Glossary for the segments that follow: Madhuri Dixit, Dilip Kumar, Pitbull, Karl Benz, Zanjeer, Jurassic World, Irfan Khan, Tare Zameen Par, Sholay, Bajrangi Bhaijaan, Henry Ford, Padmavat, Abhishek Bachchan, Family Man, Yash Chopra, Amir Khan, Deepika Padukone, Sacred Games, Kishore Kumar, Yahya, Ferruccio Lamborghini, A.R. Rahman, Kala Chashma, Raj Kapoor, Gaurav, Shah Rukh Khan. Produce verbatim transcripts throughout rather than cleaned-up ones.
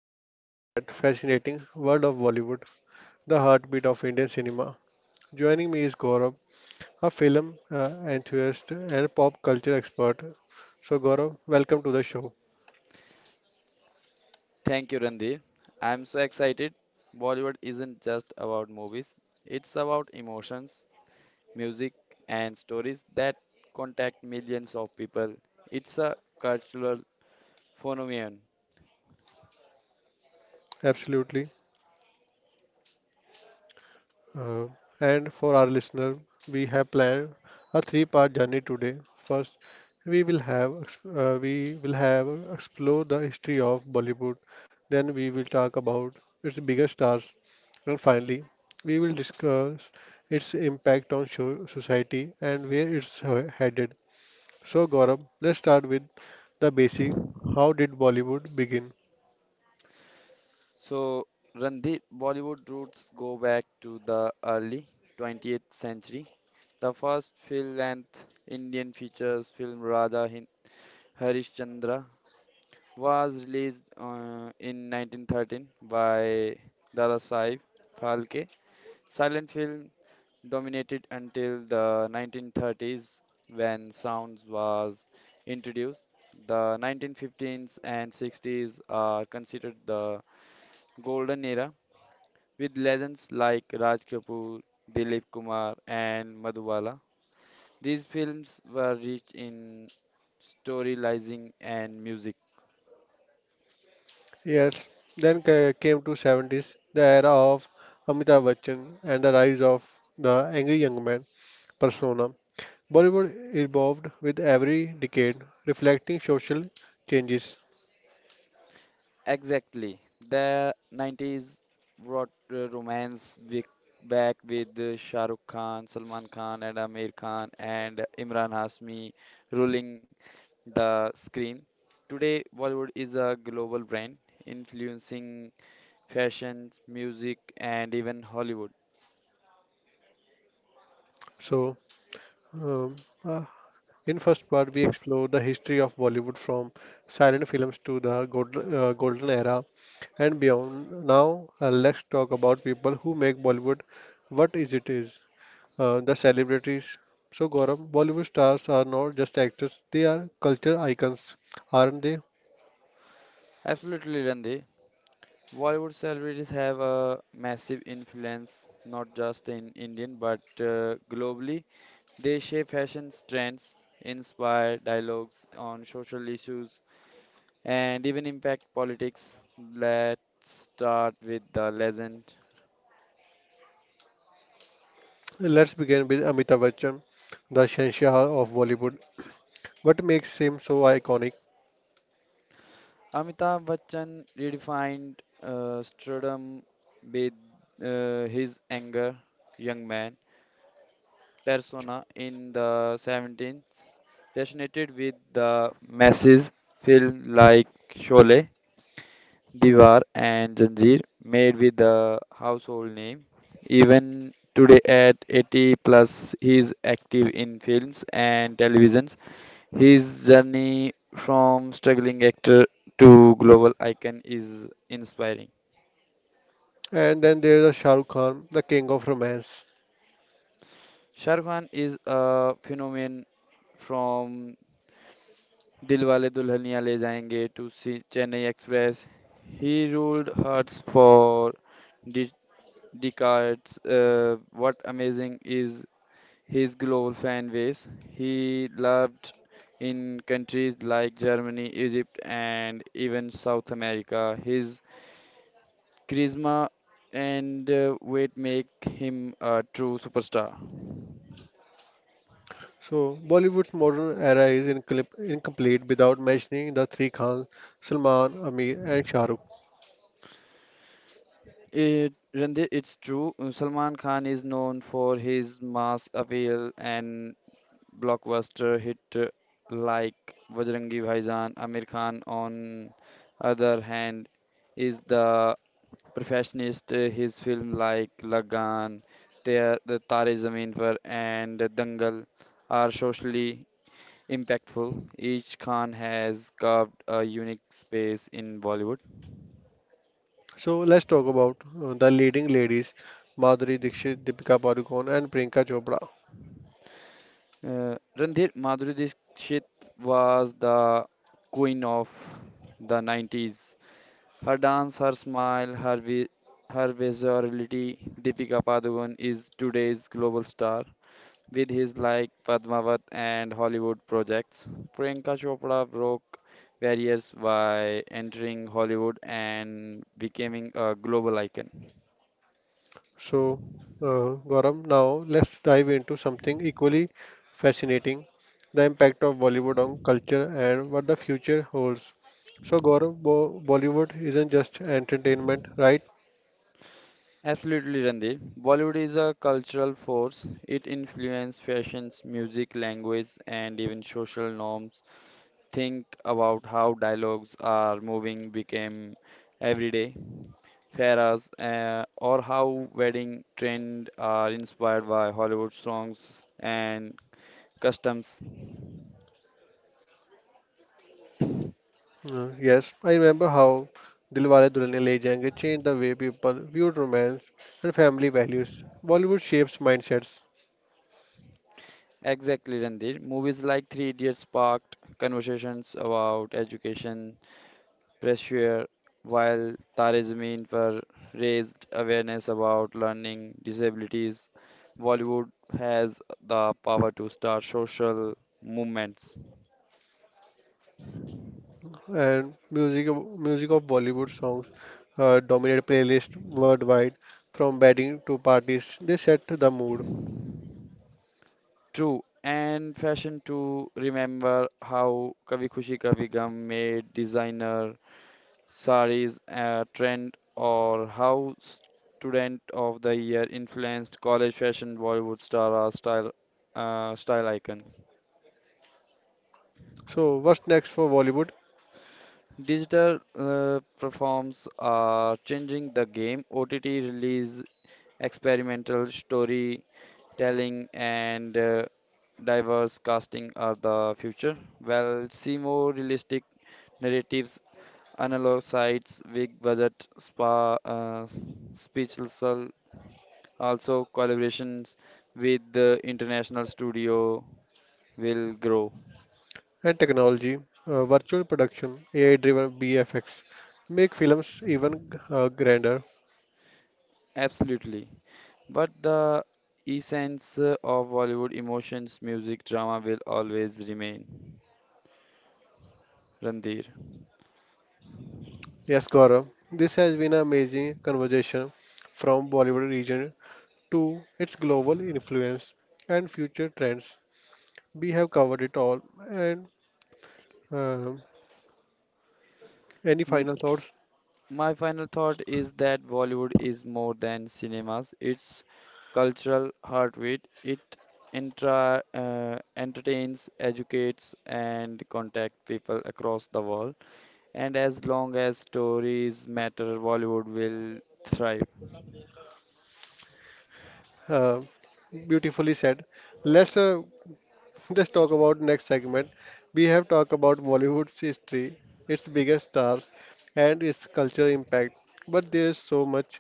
the glamorous yet fascinating world of Bollywood, the heartbeat of Indian cinema. Joining me is Gaurav, a film uh, enthusiast and pop culture expert. So, Gaurav, welcome to the show. Thank you, Randir. I'm so excited. Bollywood isn't just about movies, it's about emotions, music, and stories that contact millions of people. It's a cultural phenomenon. Absolutely. Uh, and for our listener, we have planned a three-part journey today. First, we will have ex- uh, we will have explore the history of Bollywood. Then we will talk about its biggest stars, and finally, we will discuss its impact on show, society and where it's he- headed. So, Gaurav, let's start with the basic. How did Bollywood begin? So, Randir, Bollywood roots go back to the early twentieth century. The first full length Indian features film Radha Hin- Harishchandra was released uh, in nineteen thirteen by Dada Saheb Phalke. Silent film dominated until the nineteen thirties when sounds was introduced. The nineteen fifteens and sixties are considered the golden era with legends like Raj Kapoor, Dilip Kumar and Madhubala. These films were rich in storytelling and music. Yes, then ca- came to seventies, the era of Amitabh Bachchan and the rise of the angry young man persona. Bollywood evolved with every decade, reflecting social changes. Exactly. The nineties brought uh, romance wi- back with uh, Shah Rukh Khan, Salman Khan, and Amir Khan, and Imran Hasmi ruling the screen. Today, Bollywood is a global brand influencing fashion, music, and even Hollywood. So, um, uh, in first part, we explore the history of Bollywood from silent films to the gold, uh, golden era and beyond. Now, uh, let's talk about people who make Bollywood what is it is. Uh, the celebrities. So, Gaurav, Bollywood stars are not just actors, they are culture icons, aren't they? Absolutely, Randy. Bollywood celebrities have a massive influence not just in Indian but uh, globally. They shape fashion trends, inspire dialogues on social issues, and even impact politics. Let's start with the legend. Let's begin with Amitabh Bachchan, the Shenshah of Bollywood. What makes him so iconic? Amitabh Bachchan redefined uh, stardom with uh, his anger, young man persona in the seventeenth, resonated with the masses, film like Sholay Diwar and Zanjeer made with the household name. Even today at eighty plus, he is active in films and televisions. His journey from struggling actor to global icon is inspiring. And then there's a Shah Rukh Khan, the king of romance. Shah Rukh Khan is a phenomenon from Dilwale Dulhania Le Jayenge to Se- Chennai Express. He ruled hearts for de- decades. Uh, what amazing is his global fan base. He loved in countries like Germany, Egypt, and even South America. His charisma and uh, weight make him a true superstar. So, Bollywood's modern era is incomplete incomplete without mentioning the three Khans, Salman, Amir, and Shah Rukh. It, Randeep, it's true. uh, Salman Khan is known for his mass appeal and blockbuster hit uh, like Bajrangi Bhaijaan. Amir Khan, on other hand, is the Perfectionist, uh, his film like Lagan, Tar- the Tare Zameen Par, and Dangal are socially impactful. Each Khan has carved a unique space in Bollywood. So, let's talk about uh, the leading ladies, Madhuri Dixit, Deepika Padukone, and Priyanka Chopra. Uh, Randhir Madhuri Dixit was the queen of the nineties. Her dance, her smile, her vi- her versatility, Deepika Padukone is today's global star. With his like Padmavat and Hollywood projects, Priyanka Chopra broke barriers by entering Hollywood and becoming a global icon. So, uh, Gaurav, now let's dive into something equally fascinating the impact of Bollywood on culture and what the future holds. So, Gaurav, Bo- Bollywood isn't just entertainment, right? Absolutely, Randir. Bollywood is a cultural force. It influences fashions, music, language, and even social norms. Think about how dialogues are moving became everyday faras, uh, or how wedding trend are inspired by Hollywood songs and Customs. Uh, yes, I remember how Dilwale Dulhania Le Jayenge changed the way people viewed romance and family values. Bollywood shapes mindsets, Exactly, Randir. Movies like Three Idiots sparked conversations about education, pressure, while Tare Zameen Par raised awareness about learning disabilities. Bollywood has the power to start social movements. and music music of Bollywood songs uh, dominate playlists worldwide. From wedding to parties, they set the mood. True, and fashion too. Remember how Kavi Khushi Kavi Gum made designer saris uh, trend or how student of the year influenced college fashion Bollywood star or style uh, style icons. So, what's next for Bollywood Digital uh, platforms are changing the game. O T T release experimental storytelling and uh, diverse casting are the future. Well, see more realistic narratives, analog sites, big budget, spa, uh, speechless. Also, collaborations with the international studio will grow. and technology? Uh, virtual production, A I-driven B F X, make films even uh, grander. Absolutely. But the essence uh, of Bollywood emotions, music, drama will always remain. Randir. Yes, Gaurav, this has been an amazing conversation from Bollywood region to its global influence and future trends. We have covered it all. And uh, any M- final thoughts? my final thought is that Bollywood is more than cinemas, it's cultural heartbeat. It entra- uh, entertains, educates, and contacts people across the world. And as long as stories matter, Bollywood will thrive. Uh, beautifully said. Let's uh, Let's talk about next segment. We have talked about Bollywood's history, its biggest stars, and its cultural impact. But there is so much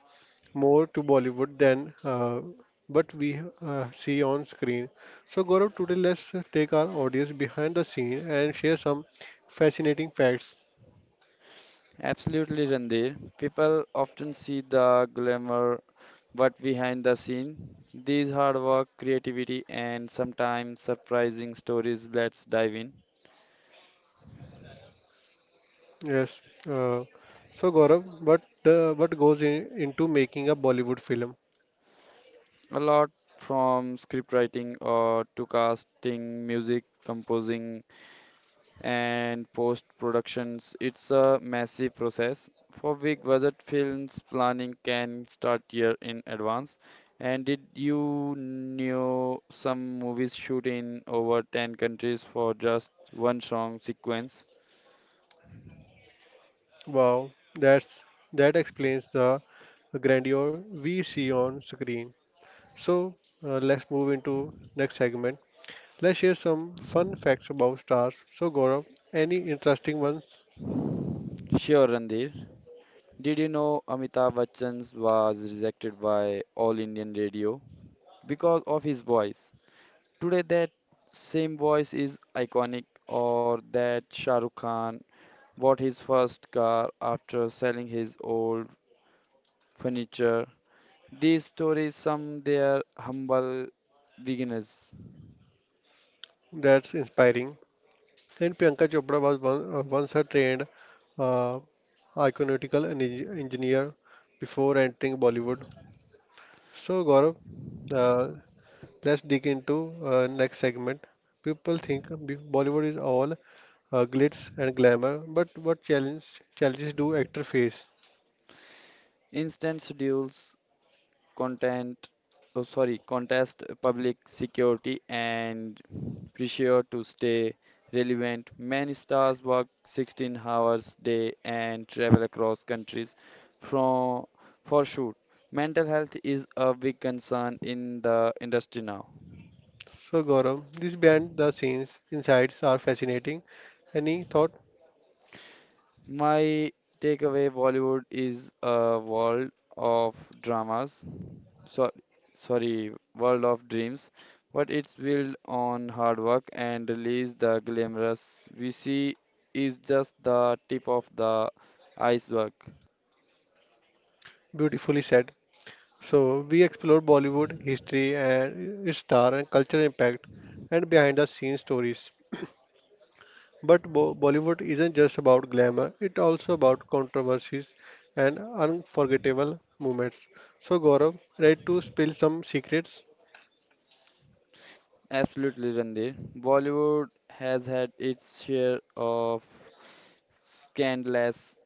more to Bollywood than uh, what we uh, see on screen. So Gaurav, today let's take our audience behind the scene and share some fascinating facts. Absolutely, Randir. People often see the glamour, but behind the scene, these hard work, creativity, and sometimes surprising stories. Let's dive in. Yes. Uh, so Gaurav, what uh, what goes in, into making a Bollywood film? A lot from scriptwriting or to casting, music, composing, and post productions. It's a massive process. For big budget films, planning can start year in advance. And did you know some movies shoot in over ten countries for just one song sequence? Wow, that's that explains the grandeur we see on screen. So uh, let's move into next segment. Let's share some fun facts about stars. So Gaurav, any interesting ones Sure, Randir. Did you know Amitabh Bachchan was rejected by All Indian Radio because of his voice? Today, that same voice is iconic, or that Shah Rukh Khan bought his first car after selling his old furniture. These stories sum their humble beginnings. that's inspiring? And Priyanka Chopra was one, uh, once a trained uh, iconautical and eng- engineer before entering Bollywood. So Gaurav, uh, let's dig into uh, next segment. People think B- Bollywood is all uh, glitz and glamour, but what challenge challenges do actors face? Instant schedules, content, oh sorry, contest public security and pressure to stay relevant. Many stars work sixteen hours a day and travel across countries from for shoot. Mental health is a big concern in the industry now. So Gaurav, this band, the scenes, insights are fascinating, and he thought My takeaway Bollywood is a world of dramas, so, sorry, world of dreams, but it's built on hard work and release the glamorous we see is just the tip of the iceberg. beautifully said. So we explore Bollywood history and its star and cultural impact, and behind the scenes stories. But Bo- Bollywood isn't just about glamour; it's also about controversies and unforgettable moments. So Gaurav, ready to spill some secrets? Absolutely, Randir. Bollywood has had its share of scandalous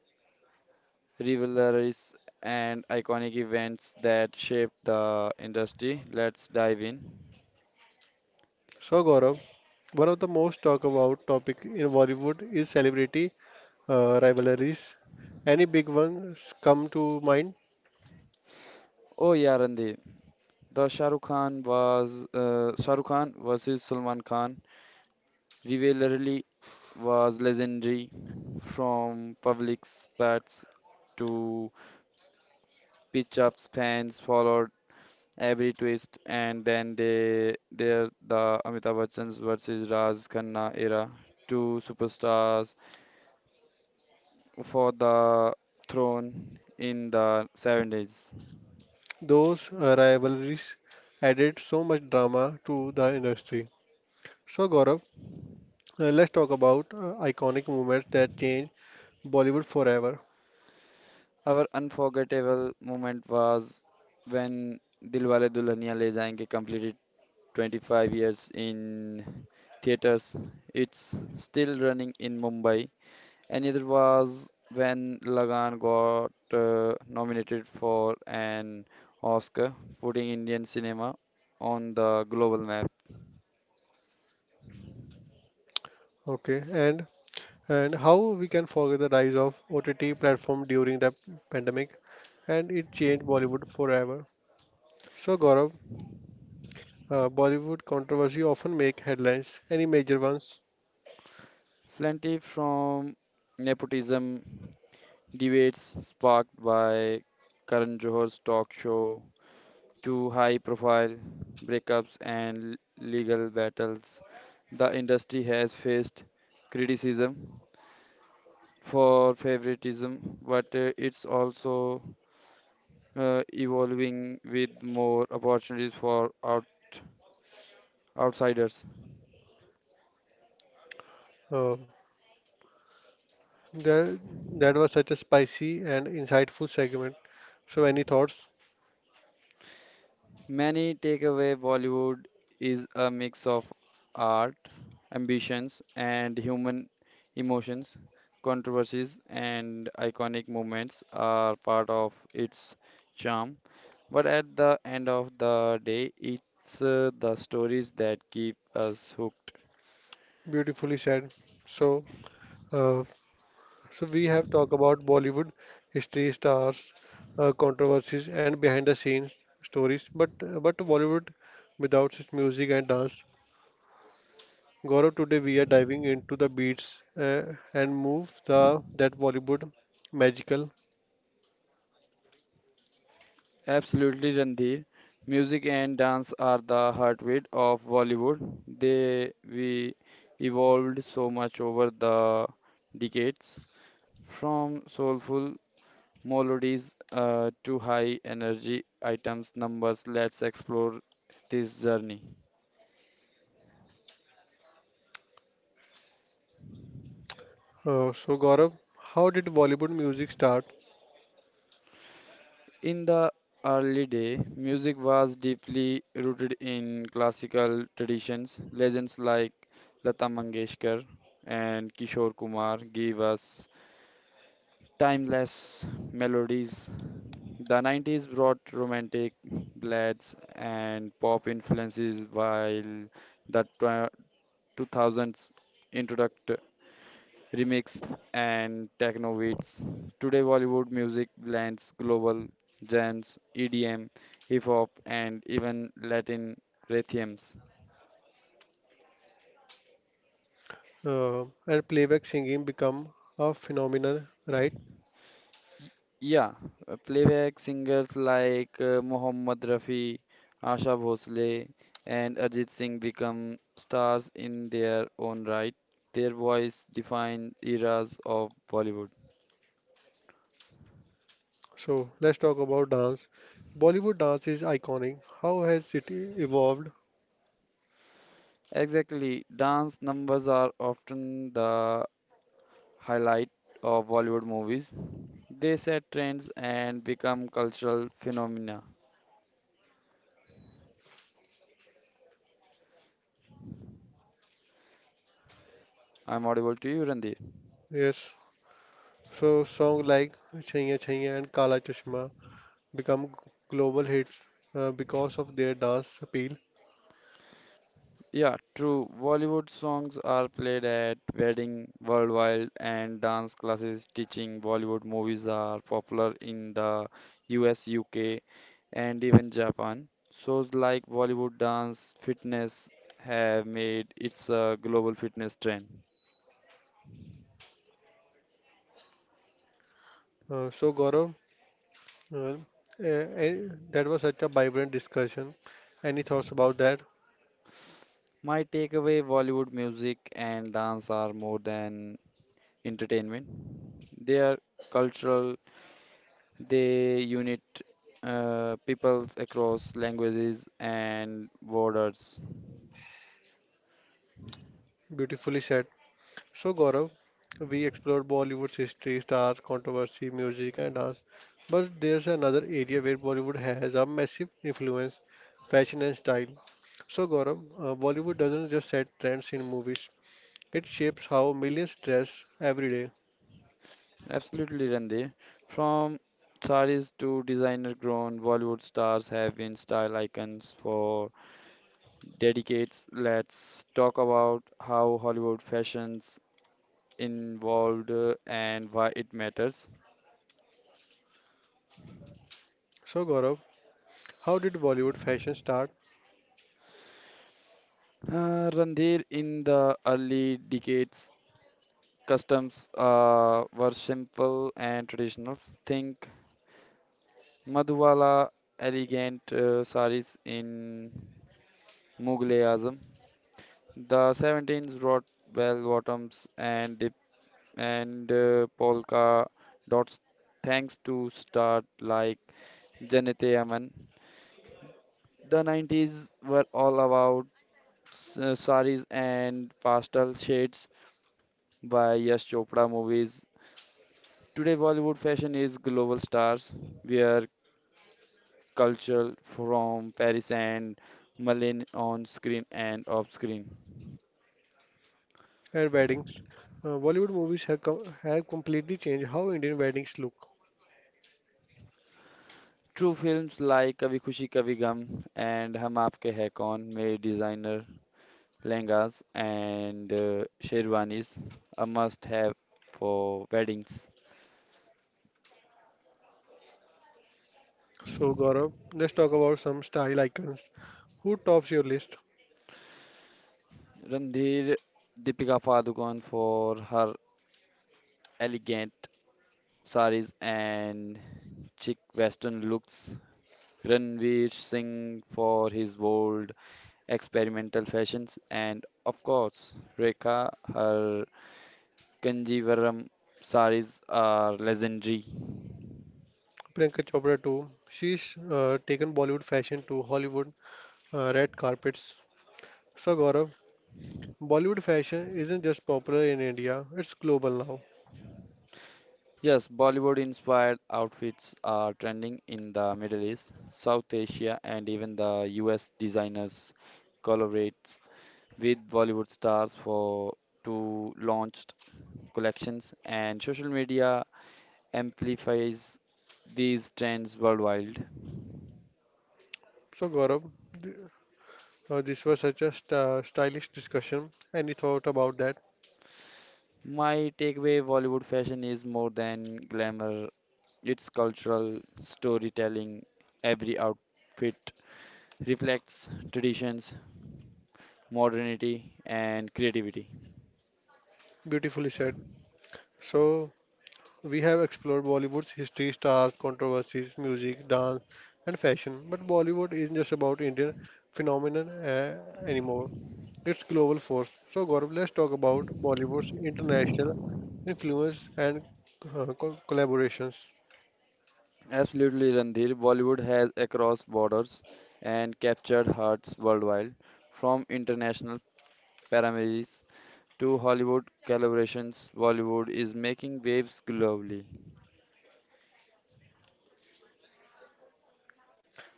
rivalries and iconic events that shaped the industry. Let's dive in. So Gaurav, one of the most talked about topic in Bollywood is celebrity uh, rivalries. Any big ones come to mind? Oh yeah, Randy. The Shah Rukh Khan was uh, Shah Rukh Khan versus Salman Khan. Rivalry was legendary, from public spats to pitch ups. Fans followed every twist, and then they there the Amitabh Bachchan's versus Raj Khanna era, two superstars for the throne in the seventies. Those uh, rivalries added so much drama to the industry. So Gaurav, uh, let's talk about uh, iconic moments that changed Bollywood forever. Our unforgettable moment was when Dilwale Dulhania Le Jayenge completed twenty-five years in theaters. It's still running in Mumbai. Another was when Lagan got uh, nominated for an Oscar, putting Indian cinema on the global map. Okay, and and how we can forget the rise of O T T platform during the pandemic, and it changed Bollywood forever. So Gaurav, uh, Bollywood controversy often make headlines. Any major ones? Plenty from nepotism debates sparked by Karan Johar's talk show to high profile breakups and l- legal battles, the industry has faced criticism for favoritism, but uh, it's also uh, evolving with more opportunities for out, outsiders. Uh, That, that was such a spicy and insightful segment. So, any thoughts? Many takeaway Bollywood is a mix of art, ambitions, and human emotions. Controversies and iconic moments are part of its charm, but at the end of the day, it's uh, the stories that keep us hooked. Beautifully said. So, uh, so we have talked about Bollywood history, stars, uh, controversies, and behind the scenes stories. But uh, but Bollywood without its music and dance. Gaurav, today we are diving into the beats uh, and move the that Bollywood magical. Absolutely, Randhir. Music and dance are the heartbeat of Bollywood. They we evolved so much over the decades. From soulful melodies uh, to high energy items numbers, let's explore this journey. Uh, so, Gaurav, how did Bollywood music start In the early day, music was deeply rooted in classical traditions. Legends like Lata Mangeshkar and Kishore Kumar give us timeless melodies. The nineties brought romantic ballads and pop influences, while the tw- two thousands introduced remix, and techno beats. Today, Bollywood music blends global genres, E D M, hip hop, and even Latin rhythms. uh, and playback singing become a phenomenon? Right. Y- Yeah, uh, playback singers like uh, Mohammed Rafi, Asha Bhosle, and Ajit Singh become stars in their own right. Their voice defined eras of Bollywood. So let's talk about dance. Bollywood dance is iconic. How has it evolved? Exactly, dance numbers are often the highlight of Bollywood movies. They set trends and become cultural phenomena. I'm audible to you, Randir. Yes. So songs like Chaiya Chaiya and Kala Chashma become global hits uh, because of their dance appeal. Yeah, true. Bollywood songs are played at wedding worldwide, and dance classes teaching Bollywood movies are popular in the U S, U K, and even Japan. Shows like Bollywood dance fitness have made it a global fitness trend. Uh, so Gaurav, uh, eh, eh, that was such a vibrant discussion. Any thoughts about that? My takeaway: Bollywood music and dance are more than entertainment. They are cultural. They unite uh, peoples across languages and borders. Beautifully said. So, Gaurav, we explored Bollywood's history, stars, controversy, music, and dance. But there's another area where Bollywood has a massive influence fashion and style. So, Gaurav, uh, Bollywood doesn't just set trends in movies, it shapes how millions dress every day. Absolutely, Randir. From saris to designer-grown Bollywood stars have been style icons for decades. Let's talk about how Hollywood fashions involved uh, and why it matters. So, Gaurav, how did Bollywood fashion start Uh, Randir, in the early decades, customs uh, were simple and traditional. Think Madhubala elegant uh, saris in Mughalism, the seventeens wrought bell bottoms and dip and uh, polka dots thanks to stars like Janete Aman. The nineties were all about s- uh, saris and pastel shades by Yash Chopra movies. Today Bollywood fashion is global stars where culture from Paris and Malin on screen and off screen. at weddings? Uh, Bollywood movies have, com- have completely changed how Indian weddings look. True films like Kabhi Khushi Kabhi Gum and Hum Aapke Hai Kaun made designer lehengas and uh, sherwanis a must have for weddings. So, Gaurav, let's talk about some style icons. Who tops your list? Randhir Deepika Padukone for her elegant saris and chic western looks. Ranveer Singh for his bold experimental fashions, and of course, Rekha, her Kanjivaram saris are legendary. Priyanka Chopra too. She's uh, taken Bollywood fashion to Hollywood uh, red carpets. So Gaurav, Bollywood fashion isn't just popular in India; it's global now. Yes, Bollywood inspired outfits are trending in the Middle East, South Asia, and even the U S designers collaborates with Bollywood stars for to launch collections and social media amplifies these trends worldwide. So Gaurav, th- uh, this was such a st- uh, stylish discussion. Any thought about that? My takeaway Bollywood fashion is more than glamour. It's cultural storytelling. Every outfit reflects traditions, modernity, and creativity. Beautifully said. So we have explored Bollywood's history, stars, controversies, music, dance, and fashion. But Bollywood isn't just about Indian phenomenon uh, anymore. Its global force. So, Gaurav, let's talk about Bollywood's international influence and uh, co- collaborations. Absolutely, Randhir. Bollywood has across borders and captured hearts worldwide, from international premieres to Hollywood collaborations. Bollywood is making waves globally.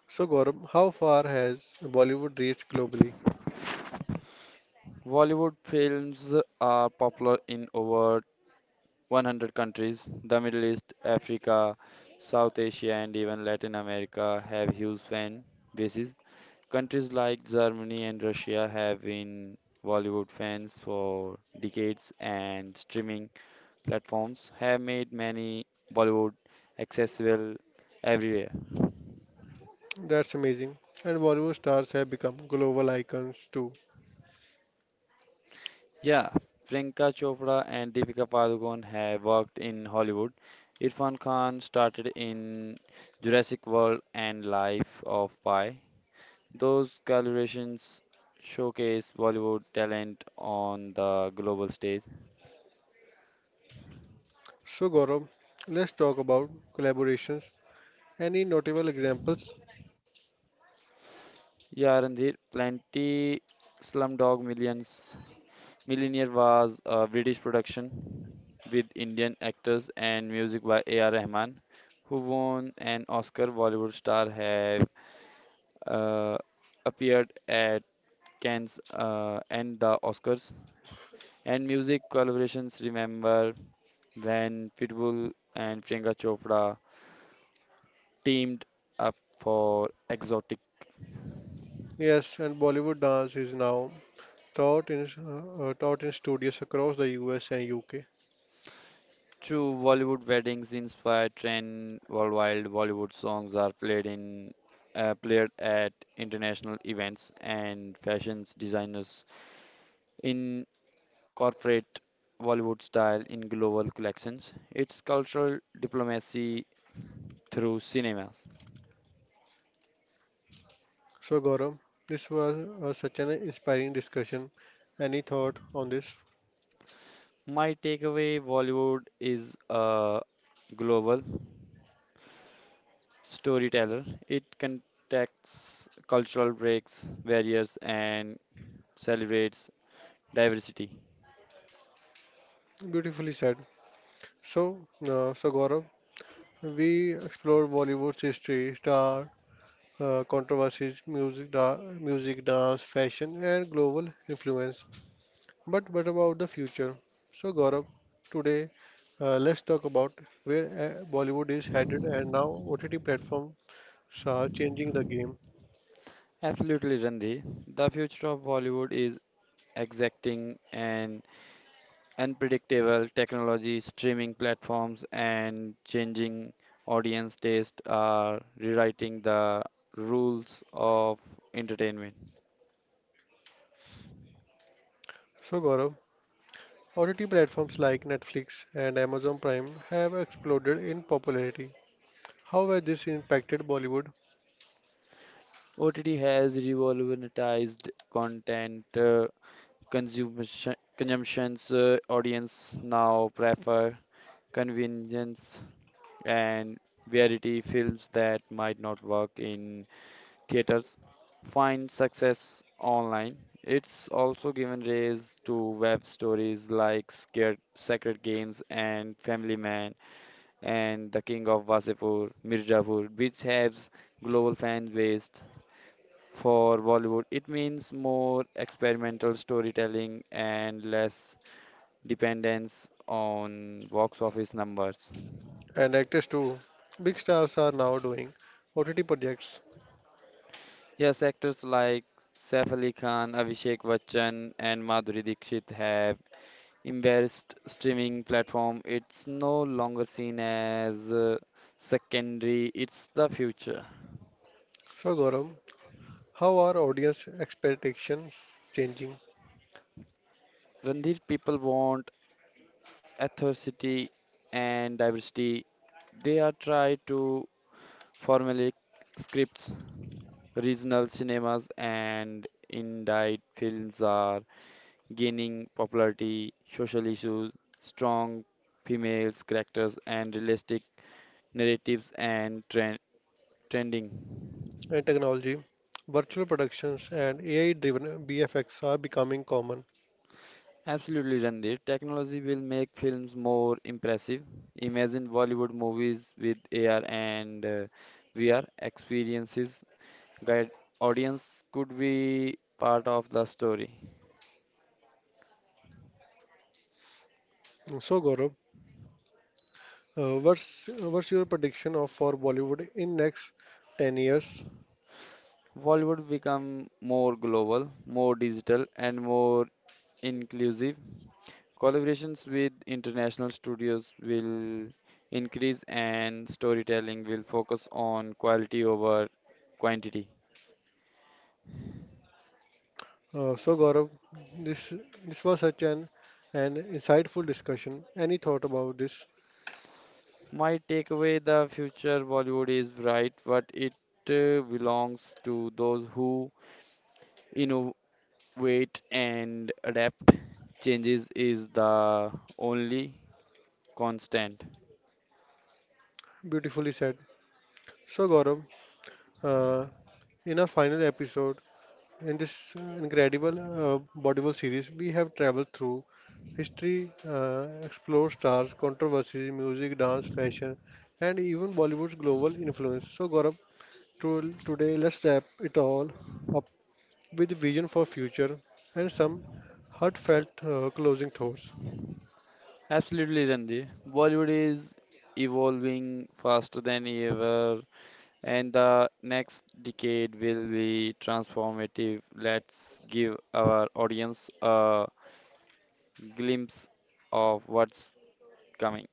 So, Gaurav, how far has Bollywood reached globally? Bollywood films are popular in over one hundred countries, the Middle East, Africa, South Asia, and even Latin America have huge fan bases. Countries like Germany and Russia have been Bollywood fans for decades, and streaming platforms have made many Bollywood accessible everywhere. That's amazing. And Bollywood stars have become global icons too. Yeah, Priyanka Chopra and Deepika Padukone have worked in Hollywood. Irfan Khan started in Jurassic World and Life of Pi. Those collaborations showcase Bollywood talent on the global stage. So, Gaurav, let's talk about collaborations. Any notable examples? Yeah, Ranjit, plenty Slumdog Millions Millionaire was a British production with Indian actors and music by A R. Rahman, who won an Oscar. Bollywood star have uh, appeared at Cannes uh, and the Oscars. And music collaborations remember when Pitbull and Priyanka Chopra teamed up for exotic Yes, and Bollywood dance is now taught in uh, uh, taught in studios across the U S and U K. true Bollywood weddings inspire trend worldwide. Bollywood songs are played in uh, played at international events and fashions designers incorporate Bollywood style in global collections. It's cultural diplomacy through cinemas. So, Gaurav, this was uh, such an inspiring discussion. Any thought on this? My takeaway Bollywood is a global storyteller. It contacts cultural breaks, barriers, and celebrates diversity. Beautifully said. So, uh, so Gaurav, we explored Bollywood's history, star uh, controversies, music, da- music, dance, fashion, and global influence. But what about the future? So, Gaurav, today uh, let's talk about where uh, Bollywood is headed and now O T T platforms are changing the game. Absolutely, Randhi. The future of Bollywood is exacting and unpredictable technology, streaming platforms, and changing audience taste are rewriting the rules of entertainment. So, Gaurav, O T T platforms like Netflix and Amazon Prime have exploded in popularity. How has this impacted Bollywood O T T has revolutionized content uh, consumption, consumptions. Uh, audience now prefer convenience and variety films that might not work in theaters find success online. It's also given rise to web stories like Scared, Sacred Games and Family Man and The King of Wasipur, Mirzapur, which has global fan base. For Bollywood, it means more experimental storytelling and less dependence on box office numbers. and actors too? Big stars are now doing O T T projects. Yes, actors like Saif Ali Khan, Abhishek Bachchan, and Madhuri Dixit have embraced streaming platform. It's no longer seen as uh, secondary, it's the future. So Gaurav, how are audience expectations changing Randir people want authenticity and diversity. They are trying to formulate scripts, regional cinemas and indie films are gaining popularity, social issues, strong females characters, and realistic narratives and trend trending. and technology? Virtual productions and A I-driven B F X are becoming common. Absolutely, Randir. Technology will make films more impressive. Imagine Bollywood movies with A R and uh, V R experiences. Guide audience could be part of the story. So Gaurav, uh, what's, what's your prediction of for Bollywood in next ten years? Bollywood become more global, more digital, and more inclusive. Collaborations with international studios will increase and storytelling will focus on quality over quantity. Uh, so Gaurav, this this was such an an insightful discussion. Any thought about this? My takeaway the future Bollywood is bright, but it uh, belongs to those who innovate and adapt. Changes is the only constant. Beautifully said. So Gaurav, uh, in our final episode in this uh, incredible uh, Bollywood series, we have traveled through history, uh, explored stars, controversies, music, dance, fashion, and even Bollywood's global influence. So Gaurav, to, today let's wrap it all up with vision for future and some heartfelt uh, closing thoughts. Absolutely, Randir. Bollywood is evolving faster than ever and the next decade will be transformative. Let's give our audience a glimpse of what's coming.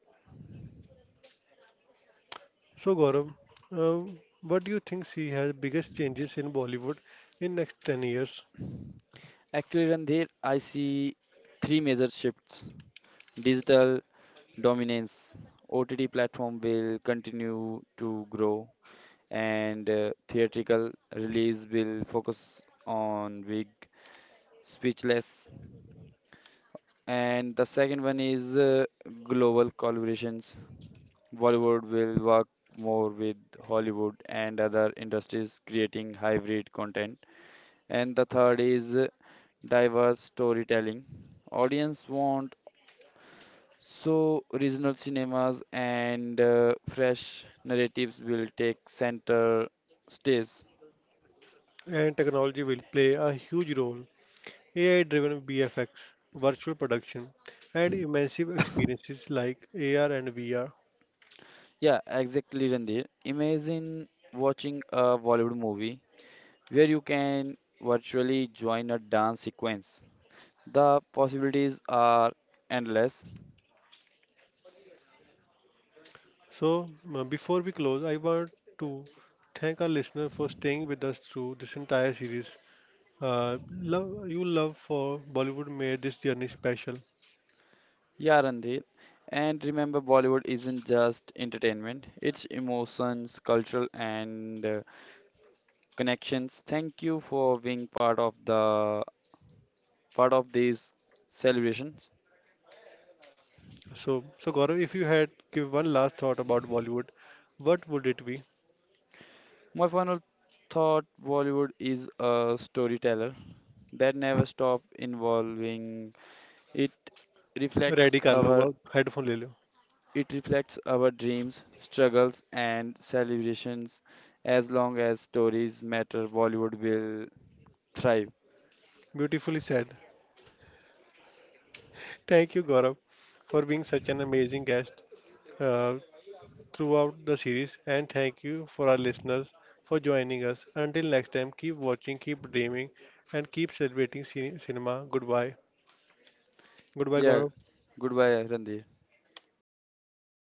So Gaurav, uh, what do you think see has biggest changes in Bollywood in next ten years? Actually, Randhir, I see three major shifts. Digital dominance, O T T platform will continue to grow, and uh, theatrical release will focus on big, speechless. And the second one is uh, global collaborations. Bollywood will work more with Hollywood and other industries creating hybrid content. And the third is uh, diverse storytelling. Audience want so regional cinemas and uh, fresh narratives will take center stage. And technology will play a huge role. A I-driven B F X, virtual production, and immersive experiences like A R and V R. Yeah, exactly, Randir. Imagine watching a Bollywood movie where you can virtually join a dance sequence. The possibilities are endless. So uh, before we close, I want to thank our listener for staying with us through this entire series. Uh, love, you love for Bollywood made this journey special. Yeah, Randeep. And remember, Bollywood isn't just entertainment, it's emotions, cultural, and uh, connections. Thank you for being part of the part of these celebrations. So, so Gaurav, if you had give one last thought about Bollywood, what would it be? My final thought: Bollywood is a storyteller that never stops evolving. It reflects Ready, our Karlova. Headphone, lele. it reflects our dreams, struggles, and celebrations. As long as stories matter, Bollywood will thrive. Beautifully said. Thank you, Gorob, for being such an amazing guest throughout the series, and thank you for our listeners for joining us. Until next time, keep watching, keep dreaming, and keep celebrating cinema. Goodbye. Goodbye, Yeah, Gorob. goodbye, Randy.